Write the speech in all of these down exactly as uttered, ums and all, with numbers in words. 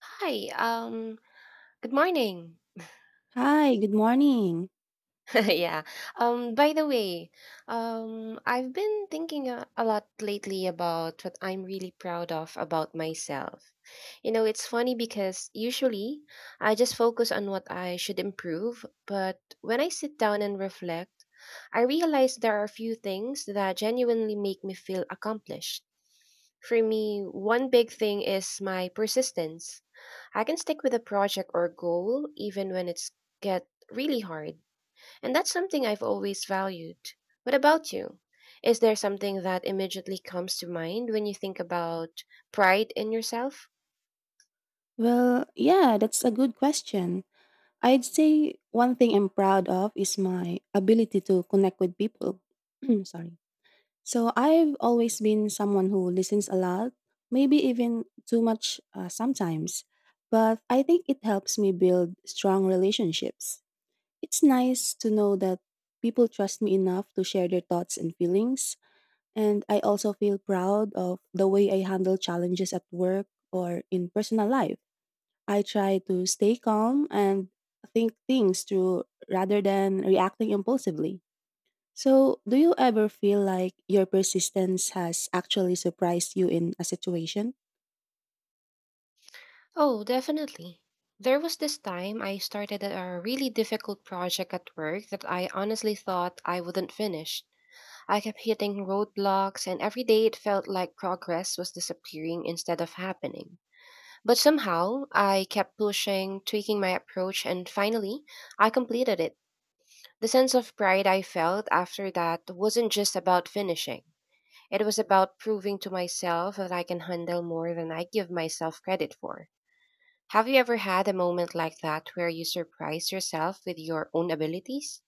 Hi, um, good morning. Hi, good morning. Yeah. Um, by the way, um, I've been thinking a, a lot lately about what I'm really proud of about myself. You know, it's funny because usually I just focus on what I should improve, but when I sit down and reflect, I realize there are a few things that genuinely make me feel accomplished. For me, one big thing is my persistence. I can stick with a project or goal even when it's get really hard, and that's something I've always valued. What about you? Is there something that immediately comes to mind when you think about pride in yourself? Well, yeah, that's a good question. I'd say one thing I'm proud of is my ability to connect with people. Sorry. So I've always been someone who listens a lot, maybe even too much uh, sometimes, but I think it helps me build strong relationships. It's nice to know that people trust me enough to share their thoughts and feelings. And I also feel proud of the way I handle challenges at work or in personal life. I try to stay calm and think things through rather than reacting impulsively. So, do you ever feel like your persistence has actually surprised you in a situation? Oh, definitely. There was this time I started a really difficult project at work that I honestly thought I wouldn't finish. I kept hitting roadblocks, and every day it felt like progress was disappearing instead of happening. But somehow, I kept pushing, tweaking my approach, and finally, I completed it. The sense of pride I felt after that wasn't just about finishing. It was about proving to myself that I can handle more than I give myself credit for. Have you ever had a moment like that where you surprised yourself with your own abilities?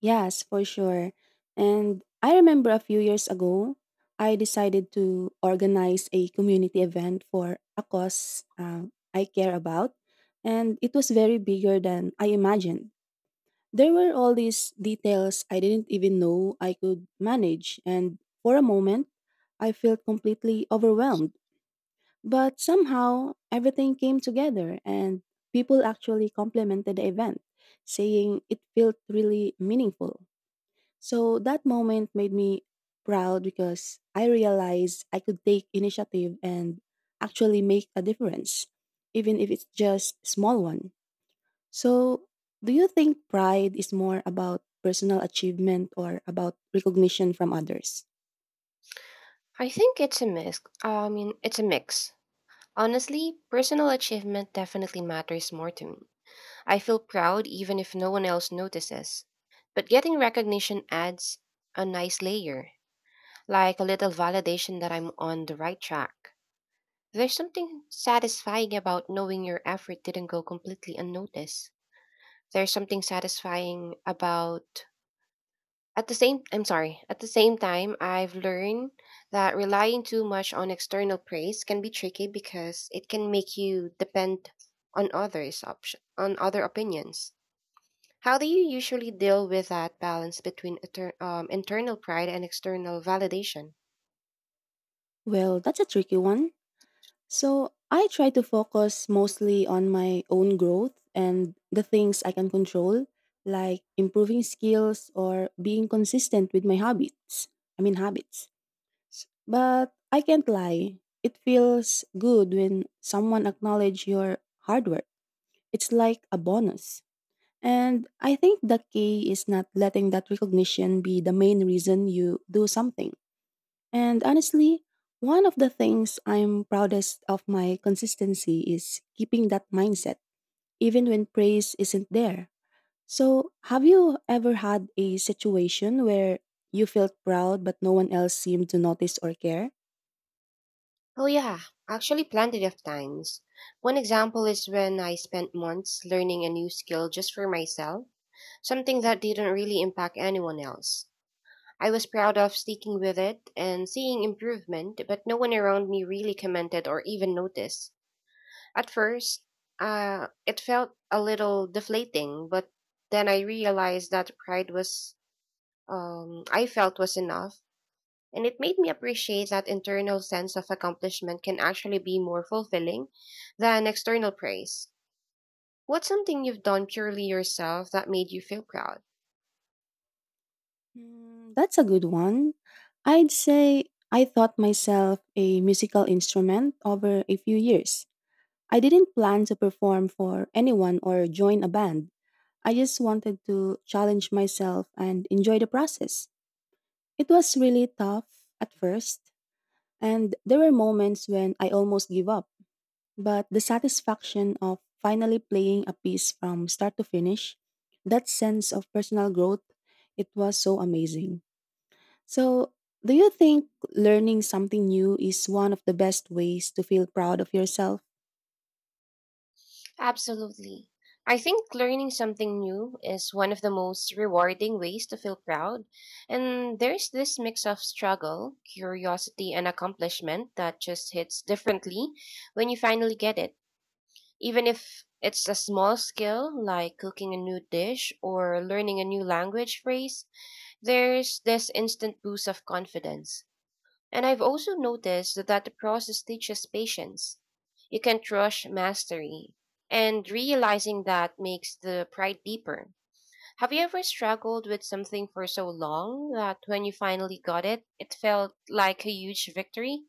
Yes, for sure. And I remember a few years ago, I decided to organize a community event for a cause uh, I care about. And it was very bigger than I imagined. There were all these details I didn't even know I could manage. And for a moment, I felt completely overwhelmed. But somehow, everything came together, and people actually complimented the event, saying it felt really meaningful. So that moment made me proud because I realized I could take initiative and actually make a difference, even if it's just a small one. So, do you think pride is more about personal achievement or about recognition from others? I think it's a mix. I mean, It's a mix. Honestly, personal achievement definitely matters more to me. I feel proud even if no one else notices. But getting recognition adds a nice layer, like a little validation that I'm on the right track. There's something satisfying about knowing your effort didn't go completely unnoticed. There's something satisfying about at the same I'm sorry, At the same time, I've learned that relying too much on external praise can be tricky because it can make you depend on others option on other opinions. How do you usually deal with that balance between inter- um, internal pride and external validation? Well, that's a tricky one. So, I try to focus mostly on my own growth and the things I can control, like improving skills or being consistent with my habits. I mean, habits. S- But I can't lie. It feels good when someone acknowledge your hard work. It's like a bonus. And I think the key is not letting that recognition be the main reason you do something. And honestly, one of the things I'm proudest of my consistency is keeping that mindset, even when praise isn't there. So, have you ever had a situation where you felt proud but no one else seemed to notice or care? Oh, yeah, actually, plenty of times. One example is when I spent months learning a new skill just for myself, something that didn't really impact anyone else. I was proud of sticking with it and seeing improvement, but no one around me really commented or even noticed. At first, uh, it felt a little deflating, but then I realized that pride was, um, I felt was enough, and it made me appreciate that internal sense of accomplishment can actually be more fulfilling than external praise. What's something you've done purely yourself that made you feel proud? Mm, that's a good one. I'd say I taught myself a musical instrument over a few years. I didn't plan to perform for anyone or join a band. I just wanted to challenge myself and enjoy the process. It was really tough at first, and there were moments when I almost gave up. But the satisfaction of finally playing a piece from start to finish, that sense of personal growth, it was so amazing. So, do you think learning something new is one of the best ways to feel proud of yourself? Absolutely. I think learning something new is one of the most rewarding ways to feel proud. And there's this mix of struggle, curiosity, and accomplishment that just hits differently when you finally get it. Even if it's a small skill like cooking a new dish or learning a new language phrase, there's this instant boost of confidence. And I've also noticed that the process teaches patience. You can't rush mastery. And realizing that makes the pride deeper. Have you ever struggled with something for so long that when you finally got it, it felt like a huge victory?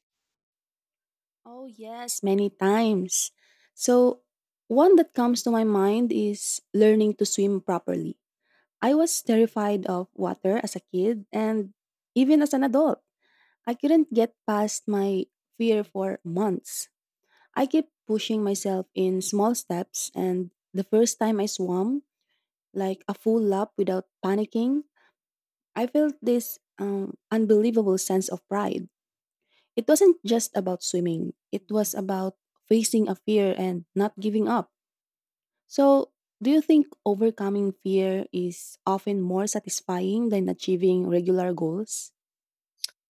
Oh, yes, many times. So, one that comes to my mind is learning to swim properly. I was terrified of water as a kid and even as an adult. I couldn't get past my fear for months. I kept pushing myself in small steps, and the first time I swam, like a full lap without panicking, I felt this um, unbelievable sense of pride. It wasn't just about swimming, it was about facing a fear and not giving up. So, do you think overcoming fear is often more satisfying than achieving regular goals?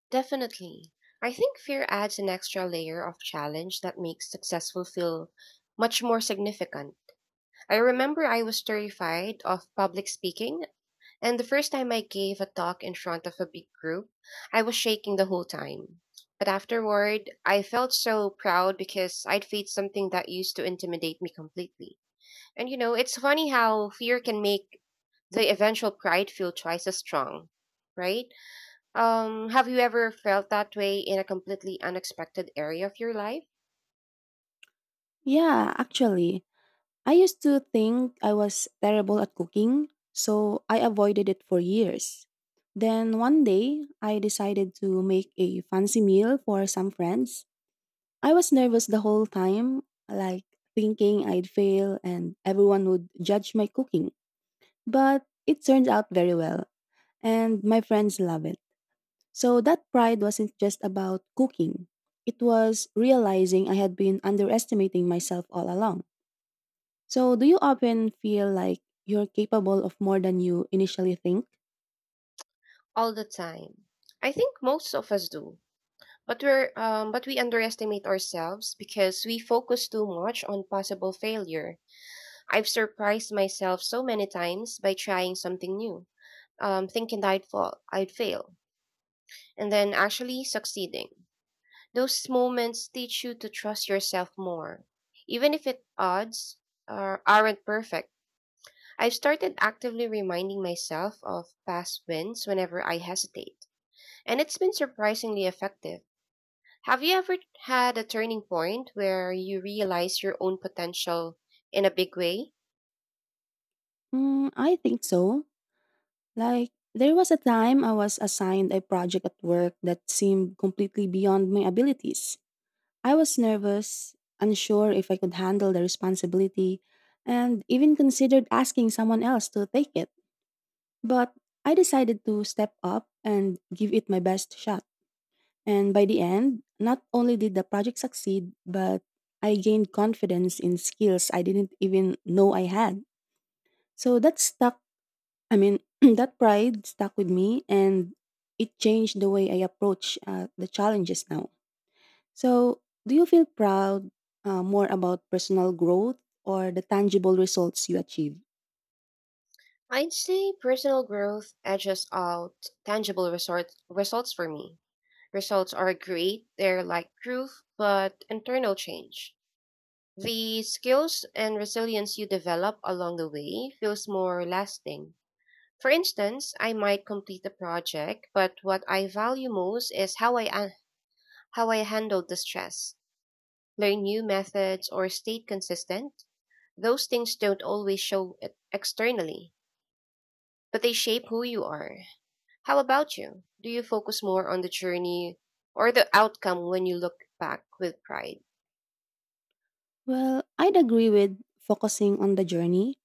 Definitely. I think fear adds an extra layer of challenge that makes successful feel much more significant. I remember I was terrified of public speaking, and the first time I gave a talk in front of a big group, I was shaking the whole time. But afterward, I felt so proud because I'd faced something that used to intimidate me completely. And you know, it's funny how fear can make the eventual pride feel twice as strong, right? Um, have you ever felt that way in a completely unexpected area of your life? Yeah, actually. I used to think I was terrible at cooking, so I avoided it for years. Then one day, I decided to make a fancy meal for some friends. I was nervous the whole time, like thinking I'd fail and everyone would judge my cooking. But it turned out very well, and my friends love it. So that pride wasn't just about cooking, it was realizing I had been underestimating myself all along. So, do you often feel like you're capable of more than you initially think? All the time. I think most of us do. But we're um, but we underestimate ourselves because we focus too much on possible failure. I've surprised myself so many times by trying something new, um, thinking that I'd fall, I'd fail, and then actually succeeding. Those moments teach you to trust yourself more, even if it odds are, aren't perfect. I've started actively reminding myself of past wins whenever I hesitate, and it's been surprisingly effective. Have you ever had a turning point where you realize your own potential in a big way? Mm, I think so. Like, there was a time I was assigned a project at work that seemed completely beyond my abilities. I was nervous, unsure if I could handle the responsibility, and even considered asking someone else to take it. But I decided to step up and give it my best shot. And by the end, not only did the project succeed, but I gained confidence in skills I didn't even know I had. So that stuck, I mean, that pride stuck with me and it changed the way I approach uh, the challenges now. So, do you feel proud uh, more about personal growth or the tangible results you achieve? I'd say personal growth edges out tangible resort- results for me. Results are great, they're like proof, but internal change. The skills and resilience you develop along the way feels more lasting. For instance, I might complete a project, but what I value most is how I an- how I handled the stress, learn new methods or stayed consistent. Those things don't always show e- externally, but they shape who you are. How about you? Do you focus more on the journey or the outcome when you look back with pride? Well, I'd agree with focusing on the journey.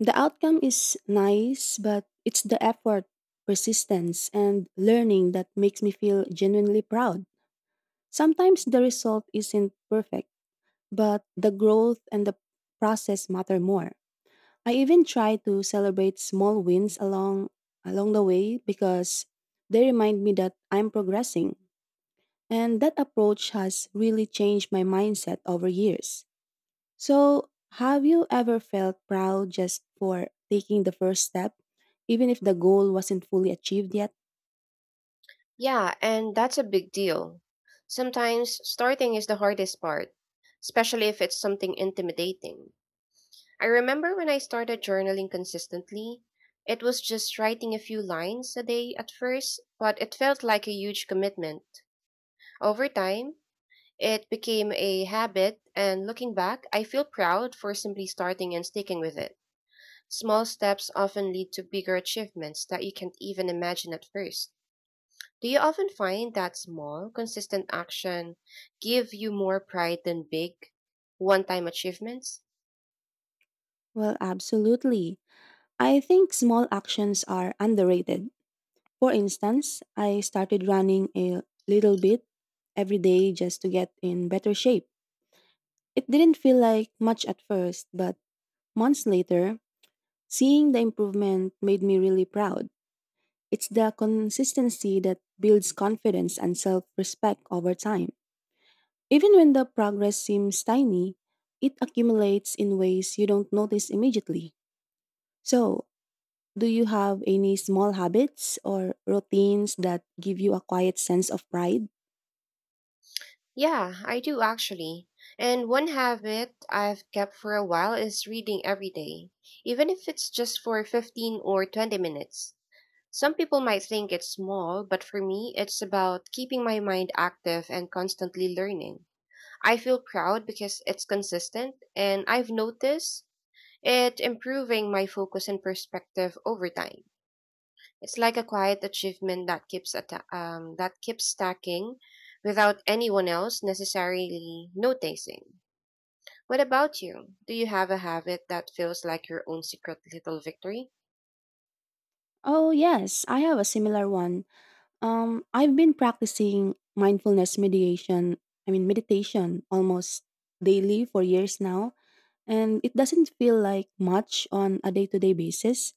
The outcome is nice, but it's the effort, persistence, and learning that makes me feel genuinely proud. Sometimes the result isn't perfect, but the growth and the process matter more. I even try to celebrate small wins along along the way because they remind me that I'm progressing. And that approach has really changed my mindset over years. So, have you ever felt proud just for taking the first step, even if the goal wasn't fully achieved yet? Yeah, and that's a big deal. Sometimes starting is the hardest part, especially if it's something intimidating. I remember when I started journaling consistently, it was just writing a few lines a day at first, but it felt like a huge commitment. Over time, it became a habit, and looking back, I feel proud for simply starting and sticking with it. Small steps often lead to bigger achievements that you can't even imagine at first. Do you often find that small, consistent action give you more pride than big, one-time achievements? Well, absolutely. I think small actions are underrated. For instance, I started running a little bit every day just to get in better shape. It didn't feel like much at first, but months later, seeing the improvement made me really proud. It's the consistency that builds confidence and self respect over time. Even when the progress seems tiny, it accumulates in ways you don't notice immediately. So, do you have any small habits or routines that give you a quiet sense of pride? Yeah, I do actually. And one habit I've kept for a while is reading every day, even if it's just for fifteen or twenty minutes. Some people might think it's small, but for me, it's about keeping my mind active and constantly learning. I feel proud because it's consistent, and I've noticed it improving my focus and perspective over time. It's like a quiet achievement that keeps atta- um, that keeps stacking without anyone else necessarily noticing. What about you? Do you have a habit that feels like your own secret little victory? Oh, yes, I have a similar one. Um, I've been practicing mindfulness meditation, I mean, meditation almost daily for years now, and it doesn't feel like much on a day to day basis,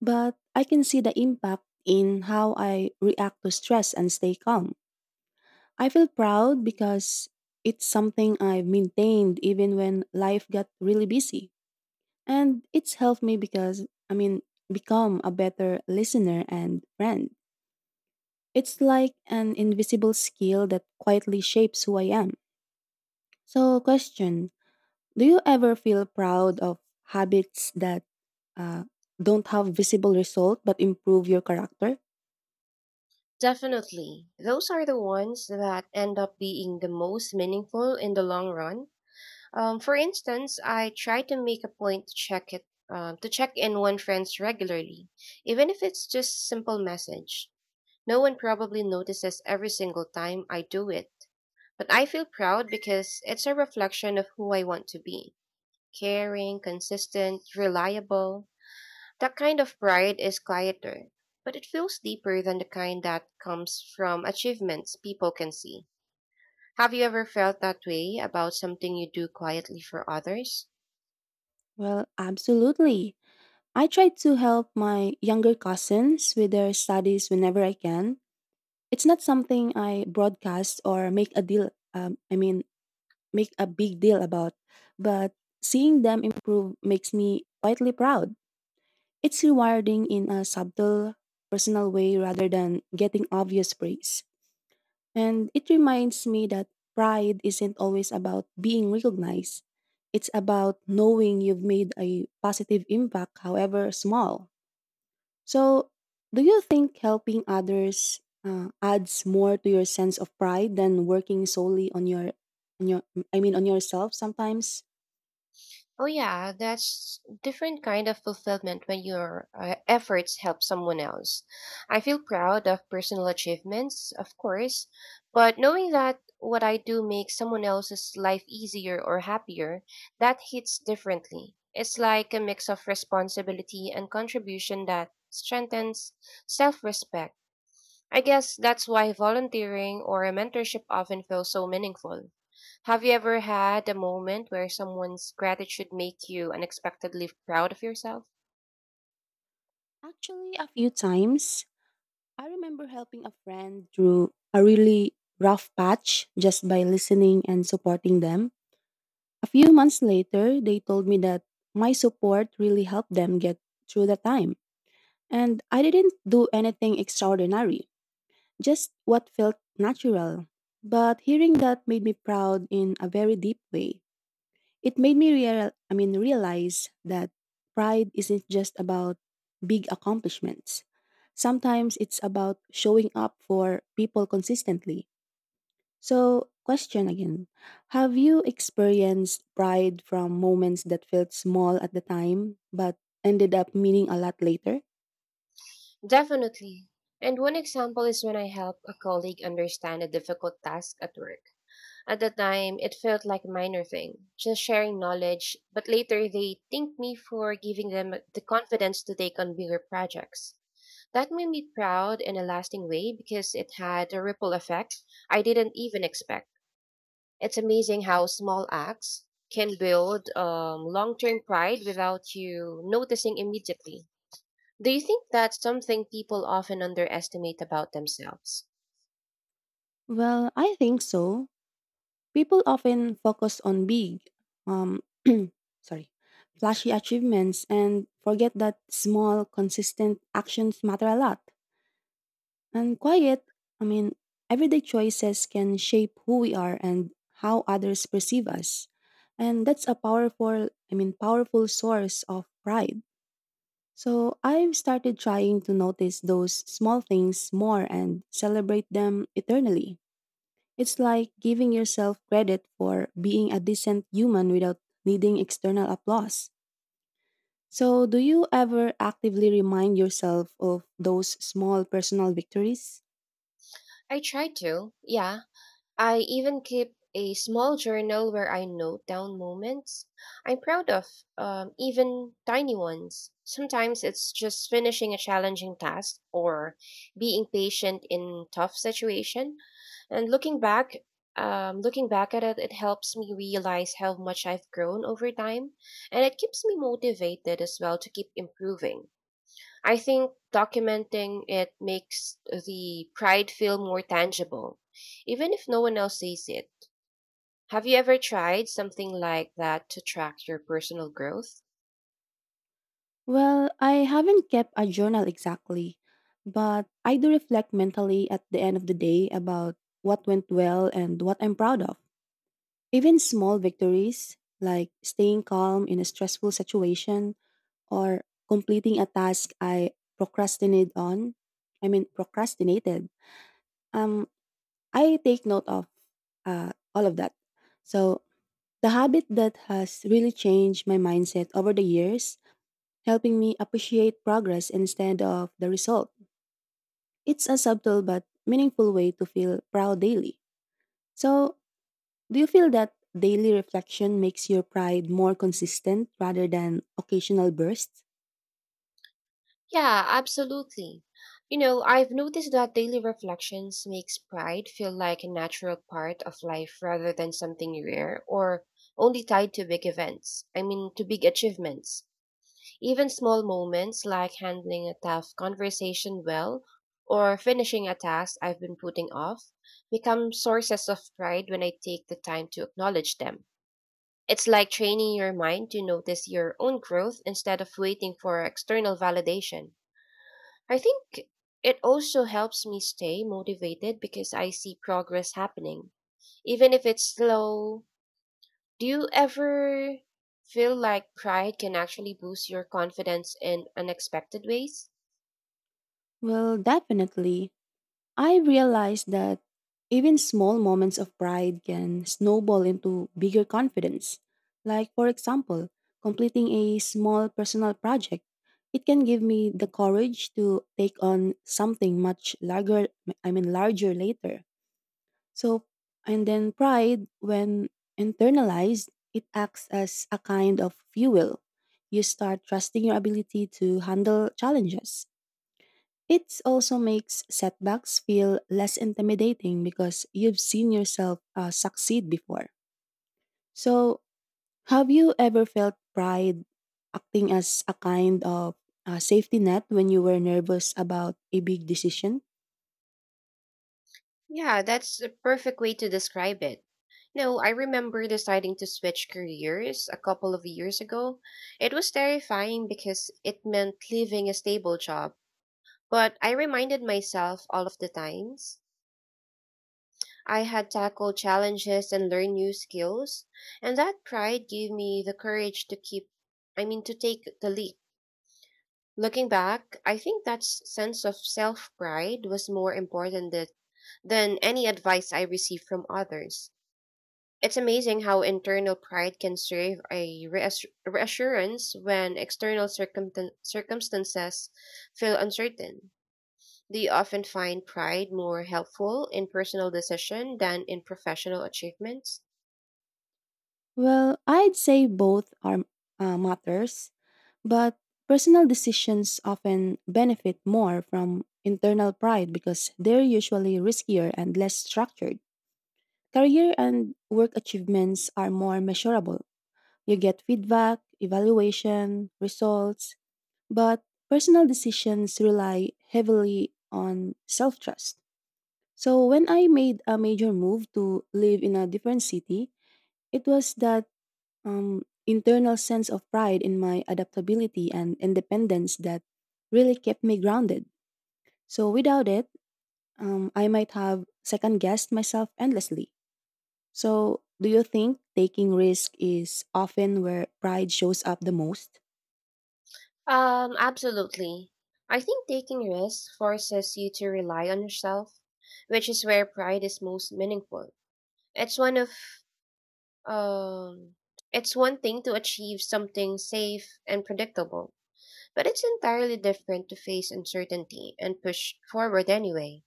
but I can see the impact in how I react to stress and stay calm. I feel proud because it's something I've maintained even when life got really busy. And it's helped me because, I mean, become a better listener and friend. It's like an invisible skill that quietly shapes who I am. So, question: do you ever feel proud of habits that uh, don't have visible result but improve your character? Definitely. Those are the ones that end up being the most meaningful in the long run. Um, for instance, I try to make a point to check it um, to check in on friends regularly, even if it's just simple message. No one probably notices every single time I do it. But I feel proud because it's a reflection of who I want to be: caring, consistent, reliable. That kind of pride is quieter, but it feels deeper than the kind that comes from achievements people can see. Have you ever felt that way about something you do quietly for others? Well, absolutely. I try to help my younger cousins with their studies whenever I can. It's not something I broadcast or make a deal, um, I mean, make a big deal about, but seeing them improve makes me quietly proud. It's rewarding in a subtle, personal way rather than getting obvious praise. And it reminds me that pride isn't always about being recognized. It's about knowing you've made a positive impact, however small. So, do you think helping others uh, adds more to your sense of pride than working solely on your, on your, I mean, on yourself? Sometimes, Oh yeah, that's different kind of fulfillment when your uh, efforts help someone else. I feel proud of personal achievements, of course, but knowing that what I do makes someone else's life easier or happier, that hits differently. It's like a mix of responsibility and contribution that strengthens self-respect. I guess that's why volunteering or a mentorship often feels so meaningful. Have you ever had a moment where someone's gratitude make you unexpectedly proud of yourself? actually, a few times, I remember helping a friend through a really rough patch just by listening and supporting them. A few months later, they told me that my support really helped them get through the time. And I didn't do anything extraordinary, just what felt natural. But hearing that made me proud in a very deep way. It made me real, I mean, realize that pride isn't just about big accomplishments. Sometimes it's about showing up for people consistently. So, question again: have you experienced pride from moments that felt small at the time but ended up meaning a lot later? Definitely. And one example is when I helped a colleague understand a difficult task at work. At the time, it felt like a minor thing, just sharing knowledge, but later they thanked me for giving them the confidence to take on bigger projects. That made me proud in a lasting way because it had a ripple effect I didn't even expect. It's amazing how small acts can build um, long term pride without you noticing immediately. Do you think that's something people often underestimate about themselves? Well, I think so. People often focus on big, um, sorry, flashy achievements and forget that small, consistent actions matter a lot. And quiet, I mean, everyday choices can shape who we are and how others perceive us. And that's a powerful, I mean, powerful source of pride. So I've started trying to notice those small things more and celebrate them eternally. It's like giving yourself credit for being a decent human without needing external applause. So, do you ever actively remind yourself of those small personal victories? I try to, yeah. I even keep a small journal where I note down moments I'm proud of, um, even tiny ones. Sometimes it's just finishing a challenging task or being patient in tough situation. And looking back, um, looking back at it, it helps me realize how much I've grown over time, and it keeps me motivated as well to keep improving. I think documenting it makes the pride feel more tangible, even if no one else sees it. Have you ever tried something like that to track your personal growth? Well, I haven't kept a journal exactly, but I do reflect mentally at the end of the day about what went well and what I'm proud of. Even small victories, like staying calm in a stressful situation or completing a task I procrastinated on, I mean, procrastinated, um, I take note of uh, all of that. So, the habit that has really changed my mindset over the years, helping me appreciate progress instead of the result. It's a subtle but meaningful way to feel proud daily. So, do you feel that daily reflection makes your pride more consistent rather than occasional bursts? Yeah, absolutely. You know, I've noticed that daily reflections makes pride feel like a natural part of life rather than something rare or only tied to big events. I mean, to big achievements. Even small moments like handling a tough conversation well or finishing a task I've been putting off become sources of pride when I take the time to acknowledge them. It's like training your mind to notice your own growth instead of waiting for external validation. I think it also helps me stay motivated because I see progress happening, even if it's slow. Do you ever feel like pride can actually boost your confidence in unexpected ways? Well, definitely. I realized that even small moments of pride can snowball into bigger confidence. Like, for example, completing a small personal project. It can give me the courage to take on something much larger, I mean, larger later. So, and then pride, when internalized, it acts as a kind of fuel. You start trusting your ability to handle challenges. It also makes setbacks feel less intimidating because you've seen yourself uh, succeed before. So, have you ever felt pride acting as a kind of uh, safety net when you were nervous about a big decision? Yeah, that's a perfect way to describe it. No, I remember deciding to switch careers a couple of years ago. It was terrifying because it meant leaving a stable job, but I reminded myself all of the times I had tackled challenges and learned new skills, and that pride gave me the courage to keep, I mean, to take the leap. Looking back, I think that s- sense of self pride was more important that, than any advice I received from others. It's amazing how internal pride can serve a reassur- reassurance when external circumstan- circumstances feel uncertain. Do you often find pride more helpful in personal decision than in professional achievements? Well, I'd say both are uh, matters, but personal decisions often benefit more from internal pride because they're usually riskier and less structured. Career and work achievements are more measurable. You get feedback, evaluation, results, but personal decisions rely heavily on self trust. So, when I made a major move to live in a different city, it was that um, internal sense of pride in my adaptability and independence that really kept me grounded. So, without it, um, I might have second guessed myself endlessly. So, do you think taking risk is often where pride shows up the most? Um, absolutely. I think taking risks forces you to rely on yourself, which is where pride is most meaningful. It's one of um it's one thing to achieve something safe and predictable, but it's entirely different to face uncertainty and push forward anyway.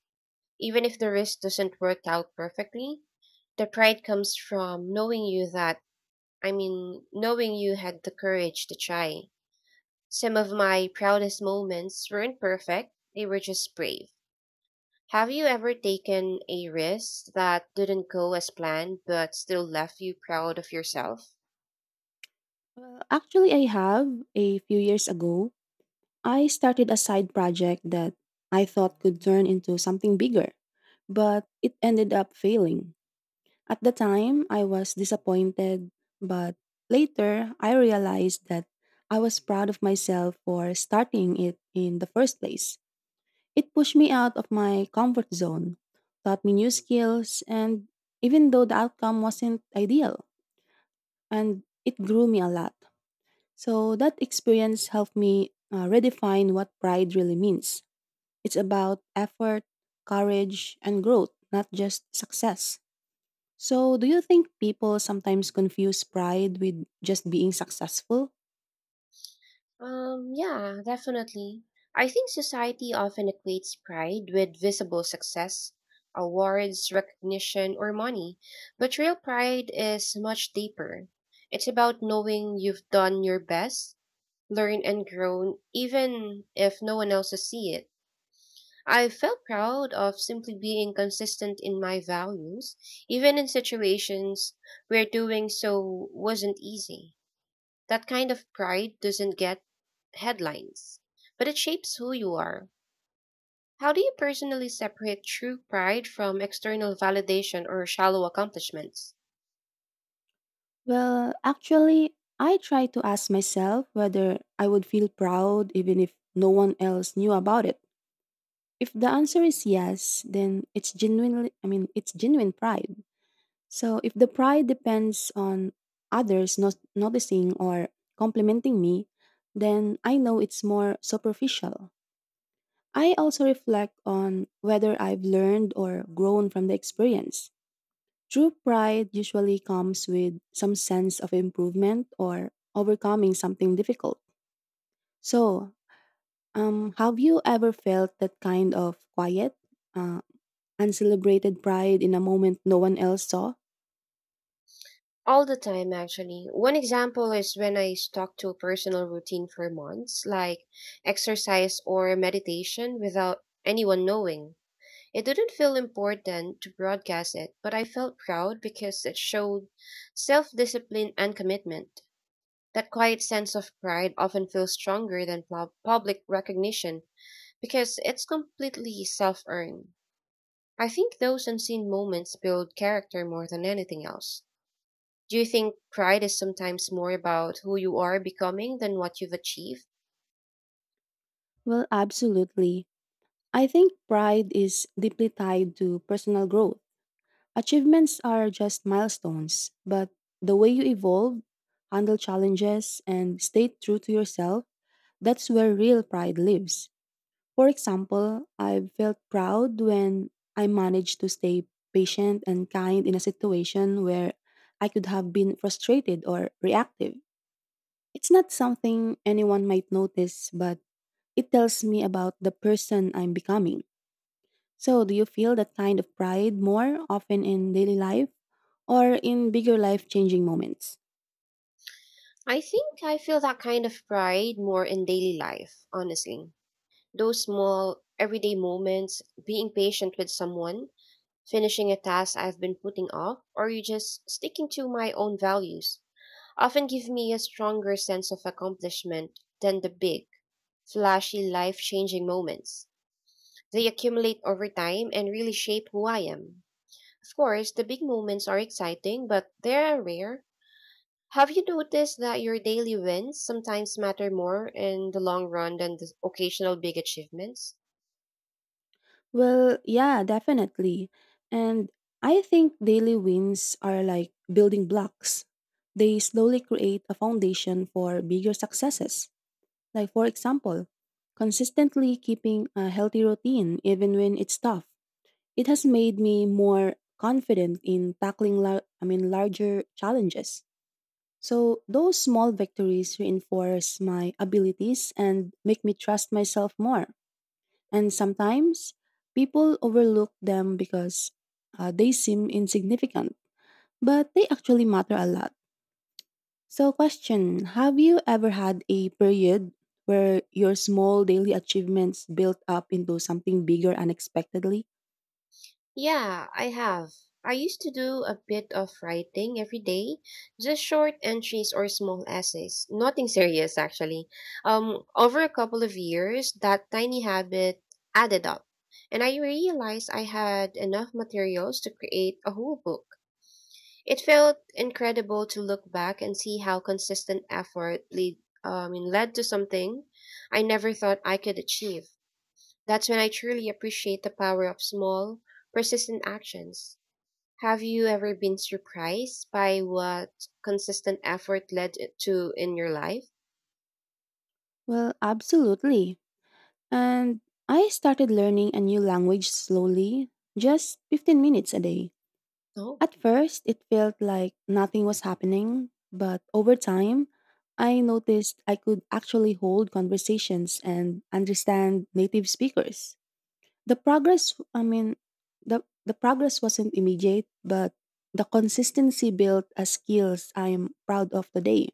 Even if the risk doesn't work out perfectly, the pride comes from knowing you that I mean, knowing you had the courage to try. Some of my proudest moments weren't perfect, they were just brave. Have you ever taken a risk that didn't go as planned but still left you proud of yourself? Well, actually, I have. A few years ago, I started a side project that I thought could turn into something bigger, but it ended up failing. At the time, I was disappointed, but later I realized that I was proud of myself for starting it in the first place. It pushed me out of my comfort zone, taught me new skills, and even though the outcome wasn't ideal, and it grew me a lot. So that experience helped me uh, redefine what pride really means. It's about effort, courage, and growth, not just success. So, do you think people sometimes confuse pride with just being successful? Um, yeah, definitely. I think society often equates pride with visible success, awards, recognition, or money. But real pride is much deeper. It's about knowing you've done your best, learned and grown, even if no one else sees it. I felt proud of simply being consistent in my values, even in situations where doing so wasn't easy. That kind of pride doesn't get headlines, but it shapes who you are. How do you personally separate true pride from external validation or shallow accomplishments? Well, actually, I try to ask myself whether I would feel proud even if no one else knew about it. If the answer is yes, then it's genuinely, I mean, it's genuine pride. So if the pride depends on others not noticing or complimenting me, then I know it's more superficial. I also reflect on whether I've learned or grown from the experience. True pride usually comes with some sense of improvement or overcoming something difficult. So, um, have you ever felt that kind of quiet, uh, uncelebrated pride in a moment no one else saw? All the time, actually. One example is when I stuck to a personal routine for months, like exercise or meditation, without anyone knowing. It didn't feel important to broadcast it, but I felt proud because it showed self discipline and commitment. That quiet sense of pride often feels stronger than pub- public recognition because it's completely self earned. I think those unseen moments build character more than anything else. Do you think pride is sometimes more about who you are becoming than what you've achieved? Well, absolutely. I think pride is deeply tied to personal growth. Achievements are just milestones, but the way you evolve, handle challenges, and stay true to yourself, that's where real pride lives. For example, I felt proud when I managed to stay patient and kind in a situation where I could have been frustrated or reactive. It's not something anyone might notice, but it tells me about the person I'm becoming. So, do you feel that kind of pride more often in daily life or in bigger life changing moments? I think I feel that kind of pride more in daily life, honestly. Those small, everyday moments, being patient with someone, finishing a task I've been putting off, or you just sticking to my own values, often give me a stronger sense of accomplishment than the big, flashy, life changing moments. They accumulate over time and really shape who I am. Of course, the big moments are exciting, but they're rare. Have you noticed that your daily wins sometimes matter more in the long run than the occasional big achievements? Well, yeah, definitely. And I think daily wins are like building blocks. They slowly create a foundation for bigger successes. Like, for example, consistently keeping a healthy routine even when it's tough. It has made me more confident in tackling lar- I mean larger challenges. So, those small victories reinforce my abilities and make me trust myself more. And sometimes people overlook them because uh, they seem insignificant, but they actually matter a lot. So, question: have you ever had a period where your small daily achievements built up into something bigger unexpectedly? Yeah, I have. I used to do a bit of writing every day, just short entries or small essays. Nothing serious, actually. Um, over a couple of years, that tiny habit added up, and I realized I had enough materials to create a whole book. It felt incredible to look back and see how consistent effort lead, um, led to something I never thought I could achieve. That's when I truly appreciate the power of small, persistent actions. Have you ever been surprised by what consistent effort led it to in your life? Well, absolutely. And I started learning a new language slowly, just fifteen minutes a day. Oh. At first, it felt like nothing was happening, but over time, I noticed I could actually hold conversations and understand native speakers. The progress, I mean, the, the progress wasn't immediate, but the consistency built as skills I am proud of today.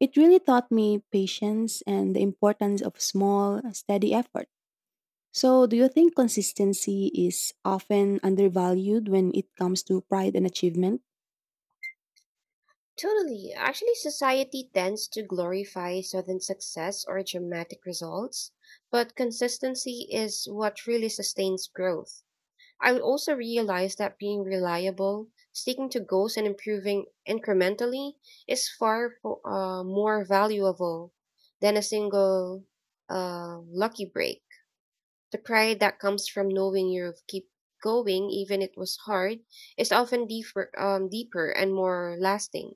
It really taught me patience and the importance of small, steady effort. So, do you think consistency is often undervalued when it comes to pride and achievement? Totally. Actually, society tends to glorify sudden success or dramatic results, but consistency is what really sustains growth. I also realized that being reliable, sticking to goals, and improving incrementally is far fo- uh, more valuable than a single uh, lucky break. The pride that comes from knowing you've keep going even it was hard is often deeper, um, deeper and more lasting.